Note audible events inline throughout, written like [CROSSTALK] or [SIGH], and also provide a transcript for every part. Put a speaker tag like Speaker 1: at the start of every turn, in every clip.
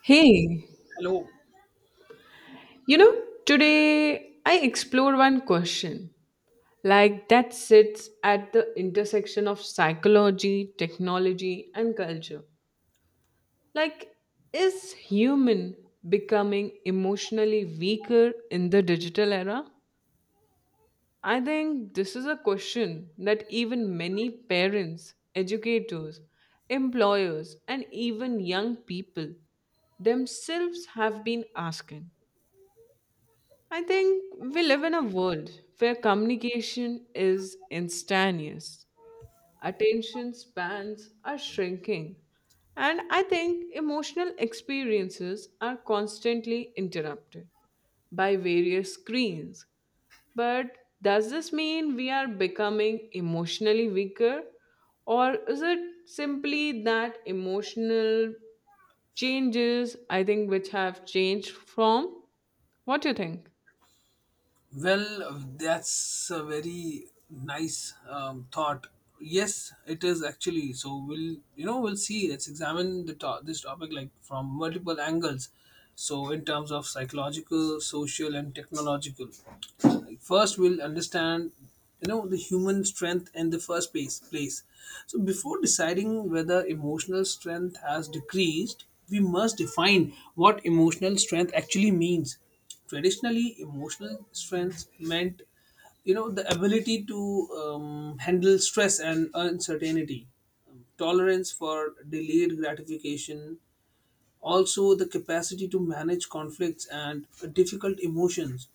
Speaker 1: Hey,
Speaker 2: Hello.
Speaker 1: you know, today I explored one question like that sits at the intersection of psychology, technology, and culture. Like, is human becoming emotionally weaker in the digital era? I think this is a question that even many parents, educators, employers, and even young people themselves have been asking. I think we live in a world where communication is instantaneous, attention spans are shrinking, and I think emotional experiences are constantly interrupted by various screens. But does this mean we are becoming emotionally weaker, or is it simply that emotional changes, I think, which have changed from? What do you think?
Speaker 2: Well, that's a very nice thought. Yes, it is actually. So we'll, you know, we'll see. Let's examine this topic like from multiple angles. So in terms of psychological, social, and technological. First we'll understand, you know, the human strength in the first place. So before deciding whether emotional strength has decreased, we must define what emotional strength actually means. Traditionally, emotional strength meant, you know, the ability to handle stress and uncertainty, tolerance for delayed gratification, also the capacity to manage conflicts and difficult emotions,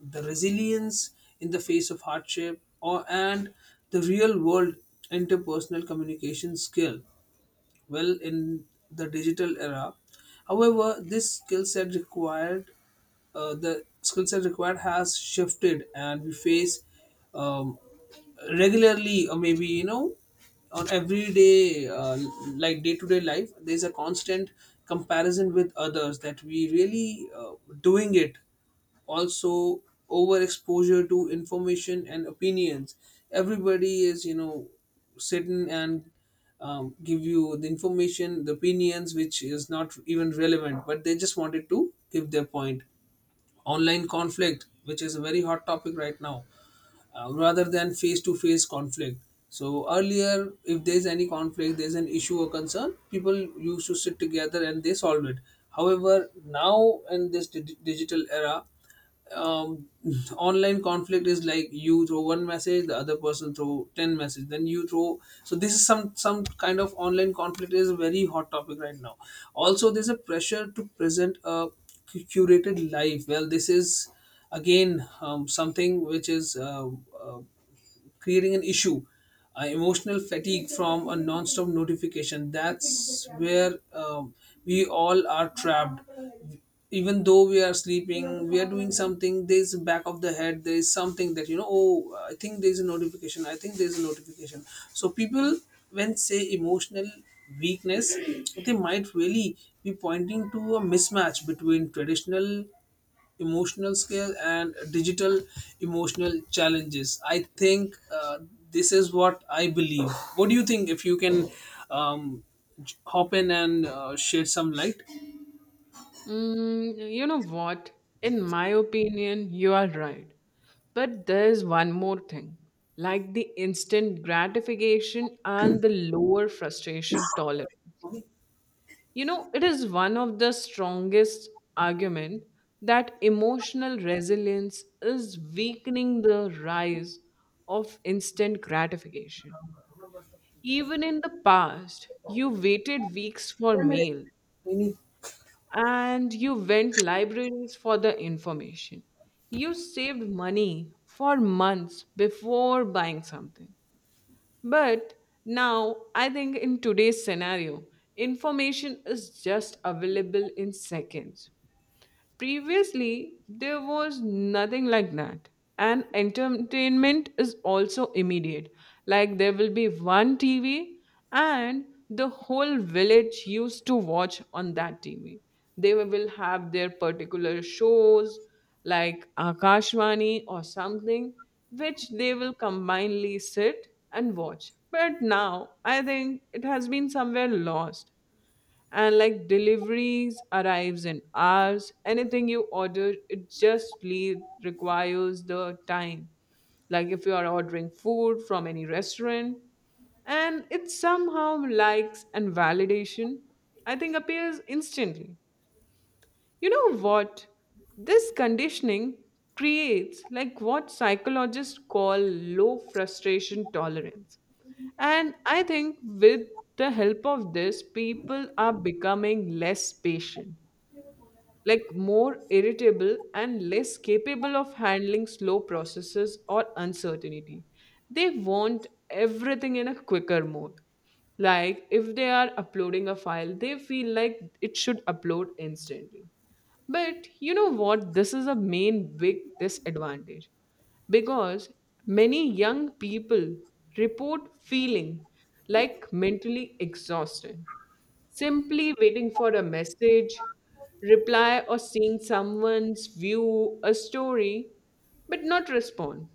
Speaker 2: the resilience in the face of hardship or and the real world interpersonal communication skill. Well, in the digital era, however, this skill set required has shifted and we face, um, regularly or maybe, you know, on everyday like day-to-day life, there's a constant comparison with others that we really doing it. Also, overexposure to information and opinions. Everybody is, you know, sitting and give you the information, the opinions which is not even relevant, but they just wanted to give their point. Online conflict, which is a very hot topic right now, rather than face to face conflict. So earlier, if there's any conflict, there's an issue or concern, people used to sit together and they solve it. However, now in this digital era, um, online conflict is like you throw one message, the other person throw 10 message, then you throw. So this is some kind of online conflict is a very hot topic right now. Also, there's a pressure to present a curated life. Well, this is again something which is uh, creating an issue. Emotional fatigue from a non-stop notification. That's where we all are trapped. Even though we are sleeping, we are doing something. There's a back of the head. There is something that, you know. Oh, I think there's a notification. I think there's a notification. So people, when say emotional weakness, they might really be pointing to a mismatch between traditional emotional scale and digital emotional challenges. I think this is what I believe. What do you think? If you can um, hop in and shed some light.
Speaker 1: Mm, you know what? In my opinion, you are right. But there's one more thing like the instant gratification and the lower frustration tolerance. You know, it is one of the strongest argument that emotional resilience is weakening the rise of instant gratification. Even in the past, you waited weeks for mail
Speaker 2: Any-
Speaker 1: and you went libraries for the information. You saved money for months before buying something. But now, I think in today's scenario, information is just available in seconds. Previously, there was nothing like that. And entertainment is also immediate. Like there will be one TV, and the whole village used to watch on that TV. They will have their particular shows like Akashvani or something, which they will combinedly sit and watch. But now, I think it has been somewhere lost, and like deliveries arrives in hours, anything you order it just requires the time, like if you are ordering food from any restaurant. And it somehow likes and validation, I think, appears instantly. You know what? This conditioning creates like what psychologists call low frustration tolerance. And I think with the help of this, people are becoming less patient, like more irritable and less capable of handling slow processes or uncertainty. They want everything in a quicker mode. Like if they are uploading a file, they feel like it should upload instantly. But you know what? This is a main big disadvantage because many young people report feeling like mentally exhausted, simply waiting for a message, reply, or seeing someone's view, a story, but not respond.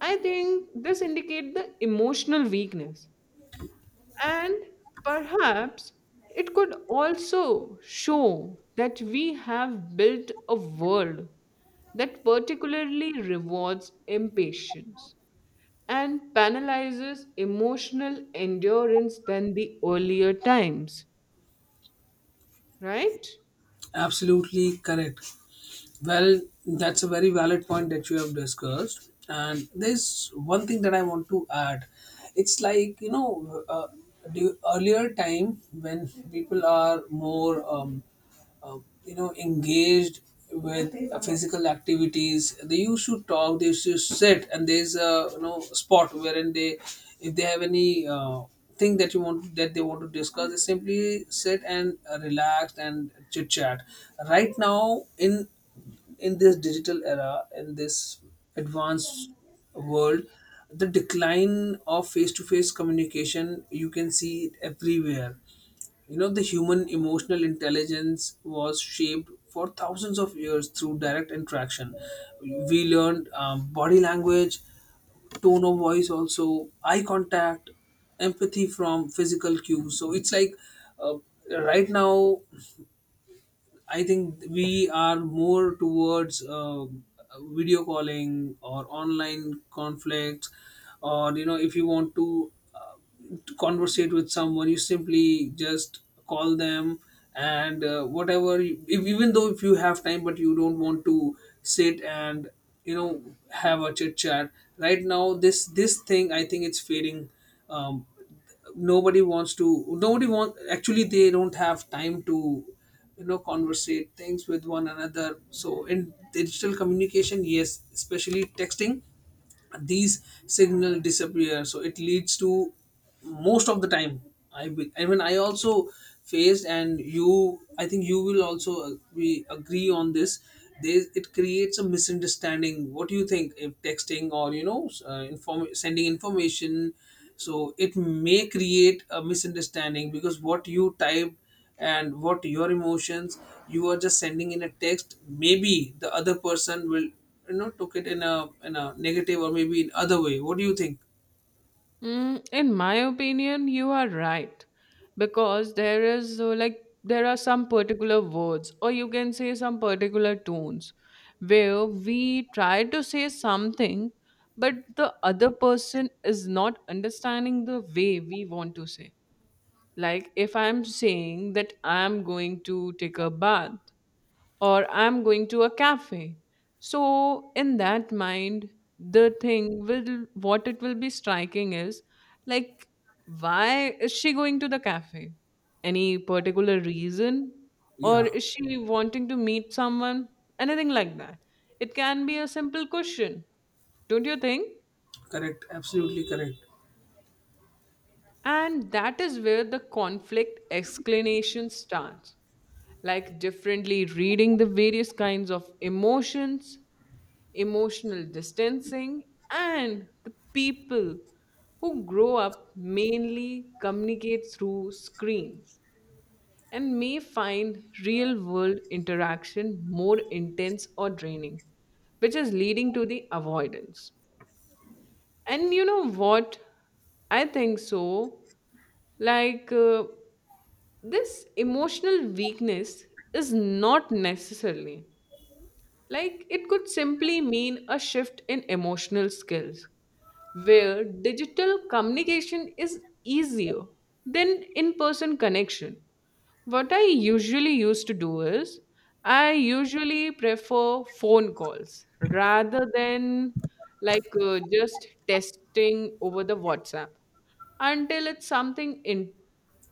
Speaker 1: I think this indicates the emotional weakness and perhaps it could also show that we have built a world that particularly rewards impatience and penalizes emotional endurance than the earlier times, right?
Speaker 2: Absolutely correct. Well, that's a very valid point that you have discussed. And there's one thing that I want to add. It's like, you know, the earlier time when people are more, uh, you know, engaged with physical activities. They used to talk. They used to sit, and there's a, you know, spot wherein they, if they have any thing that you want that they want to discuss, they simply sit and relax and chit chat. Right now, in this digital era, in this advanced world, the decline of face to face communication you can see it everywhere. You know, the human emotional intelligence was shaped for thousands of years through direct interaction. We learned body language, tone of voice, also eye contact, empathy from physical cues. So it's like uh, right now I think we are more towards video calling or online conflicts, or, you know, if you want to conversate with someone, you simply just call them and whatever. If, even though if you have time, but you don't want to sit and, you know, have a chit chat. Right now, this thing I think it's fading. Um, Nobody wants to, nobody want actually they don't have time to, you know, conversate things with one another. So in digital communication, yes, especially texting, these signal disappear. So it leads to, most of the time, I mean, I also faced, and you, I think you will also, we agree on this. There, it creates a misunderstanding. What do you think if texting or, you know, inform sending information? So it may create a misunderstanding, because what you type and what your emotions, you are just sending in a text, maybe the other person will, you know, took it in a negative or maybe in other way. What do you think?
Speaker 1: Mm, in my opinion, you are right, because there is like there are some particular words, or you can say some particular tones where we try to say something but the other person is not understanding the way we want to say. Like if I'm saying that I'm going to take a bath or I'm going to a cafe. So in that mind, the thing will what it will be striking is, like, why is she going to the cafe? Any particular reason? Or
Speaker 2: Yeah,
Speaker 1: is she wanting to meet someone? Anything like that. It can be a simple question, don't you think?
Speaker 2: correct, absolutely correct.
Speaker 1: And that is where the conflict explanation starts, like differently reading the various kinds of emotions, emotional distancing, and the people who grow up mainly communicate through screens and may find real world interaction more intense or draining, which is leading to the avoidance. And you know what? I think so. Like, this emotional weakness is not necessarily, like, it could simply mean a shift in emotional skills where digital communication is easier than in person connection. What I usually used to do is I usually prefer phone calls rather than, like, just testing over the WhatsApp until it's something in,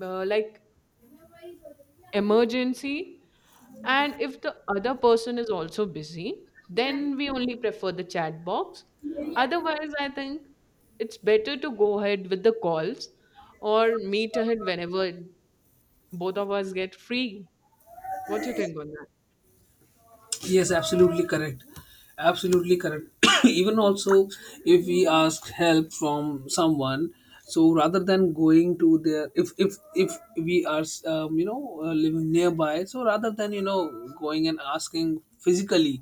Speaker 1: like, emergency. And if the other person is also busy, then we only prefer the chat box. Otherwise, I think it's better to go ahead with the calls or meet ahead whenever both of us get free. What do you think on that?
Speaker 2: Yes, absolutely correct, absolutely correct. [COUGHS] [CLEARS THROAT] Even also, if we ask help from someone, so rather than going to their, if we are you know, living nearby, so rather than, you know, going and asking physically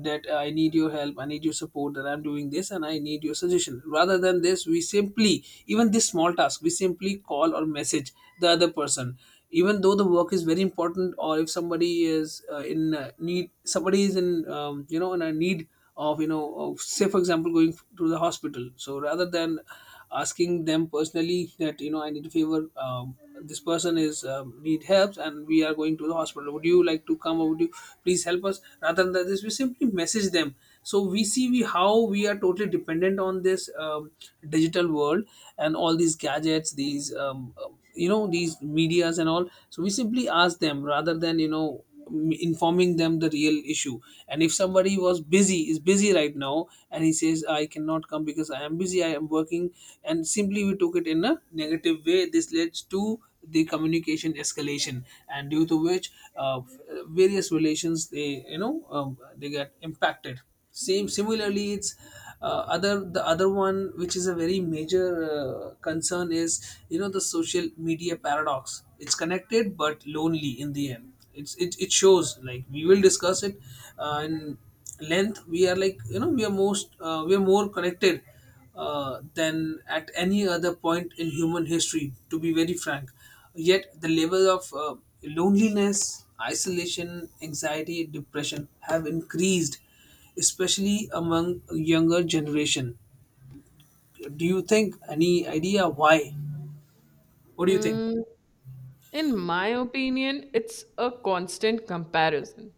Speaker 2: that, I need your help, I need your support, that I'm doing this, and I need your suggestion. Rather than this, we simply, even this small task, we simply call or message the other person. Even though the work is very important, or if somebody is in need, somebody is in, you know, in a need of, you know, of, say for example, going to the hospital. So rather than asking them personally that, you know, I need a favor, this person is, need help and we are going to the hospital, would you like to come or would you please help us? Rather than this, we simply message them. So we see we how we are totally dependent on this digital world and all these gadgets, these, you know, these medias and all. So we simply ask them rather than, you know, informing them the real issue. And if somebody was busy is busy right now and he says, I cannot come because I am busy, I am working, and simply we took it in a negative way. This leads to the communication escalation, and due to which, various relations, they, you know, they get impacted. Same Similarly, it's other the other one which is a very major concern, is, you know, the social media paradox. It's connected but lonely. In the end, it's it shows, like, we will discuss it in length. We are, like, you know, we are most we are more connected than at any other point in human history, to be very frank. Yet the level of loneliness, isolation, anxiety, depression have increased, especially among younger generation. Do you think any idea why? What do you think?
Speaker 1: Mm, in my opinion, it's a constant comparison.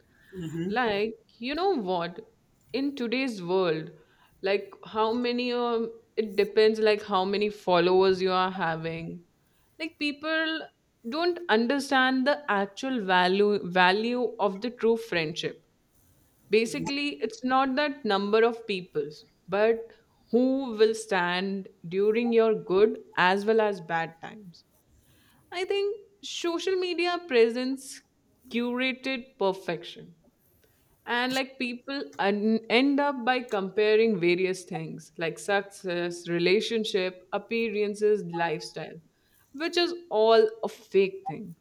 Speaker 1: Like, you know what? In today's world, like how many it depends like how many followers you are having. Like people don't understand the actual value of the true friendship. Basically, it's not that number of peoples, but who will stand during your good as well as bad times. I think social media presents curated perfection, and like people end up by comparing various things like success, relationship, appearances, lifestyle, which is all a fake thing.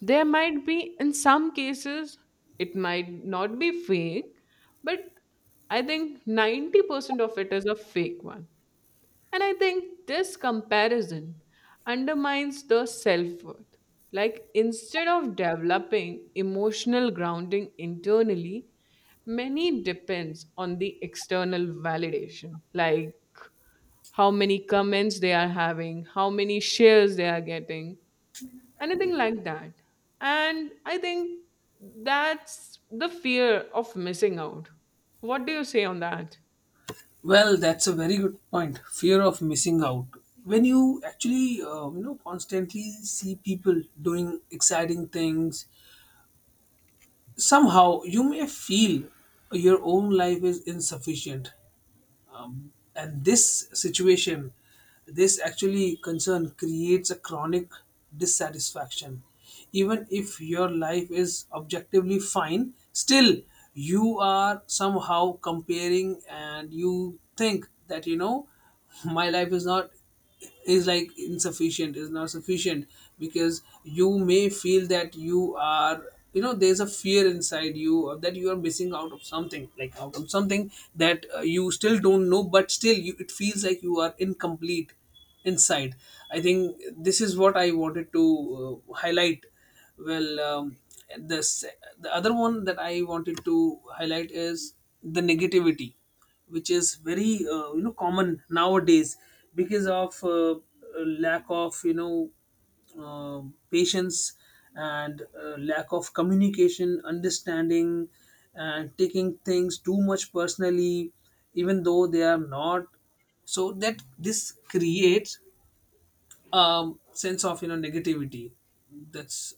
Speaker 1: There might be in some cases it might not be fake, but I think 90% of it is a fake one. And I think this comparison undermines the self worth. Like, instead of developing emotional grounding internally, many depends on the external validation, like how many comments they are having, how many shares they are getting, anything like that. And I think that's the fear of missing out. What do you say on that?
Speaker 2: Well, that's a very good point. Fear of missing out. When you actually, you know, constantly see people doing exciting things, somehow you may feel your own life is insufficient. And this situation, this actually concern creates a chronic dissatisfaction. Even if your life is objectively fine, still you are somehow comparing and you think that, you know, my life is not is like insufficient, is not sufficient, because you may feel that you are, you know, there's a fear inside you or that you are missing out of something like out of something that, you still don't know, but still you, it feels like you are incomplete inside. I think this is what I wanted to highlight. Well, the other one that I wanted to highlight is the negativity, which is very you know, common nowadays because of lack of, you know, uh, patience and lack of communication understanding and taking things too much personally even though they are not. So that this creates a sense of, you know, negativity. That's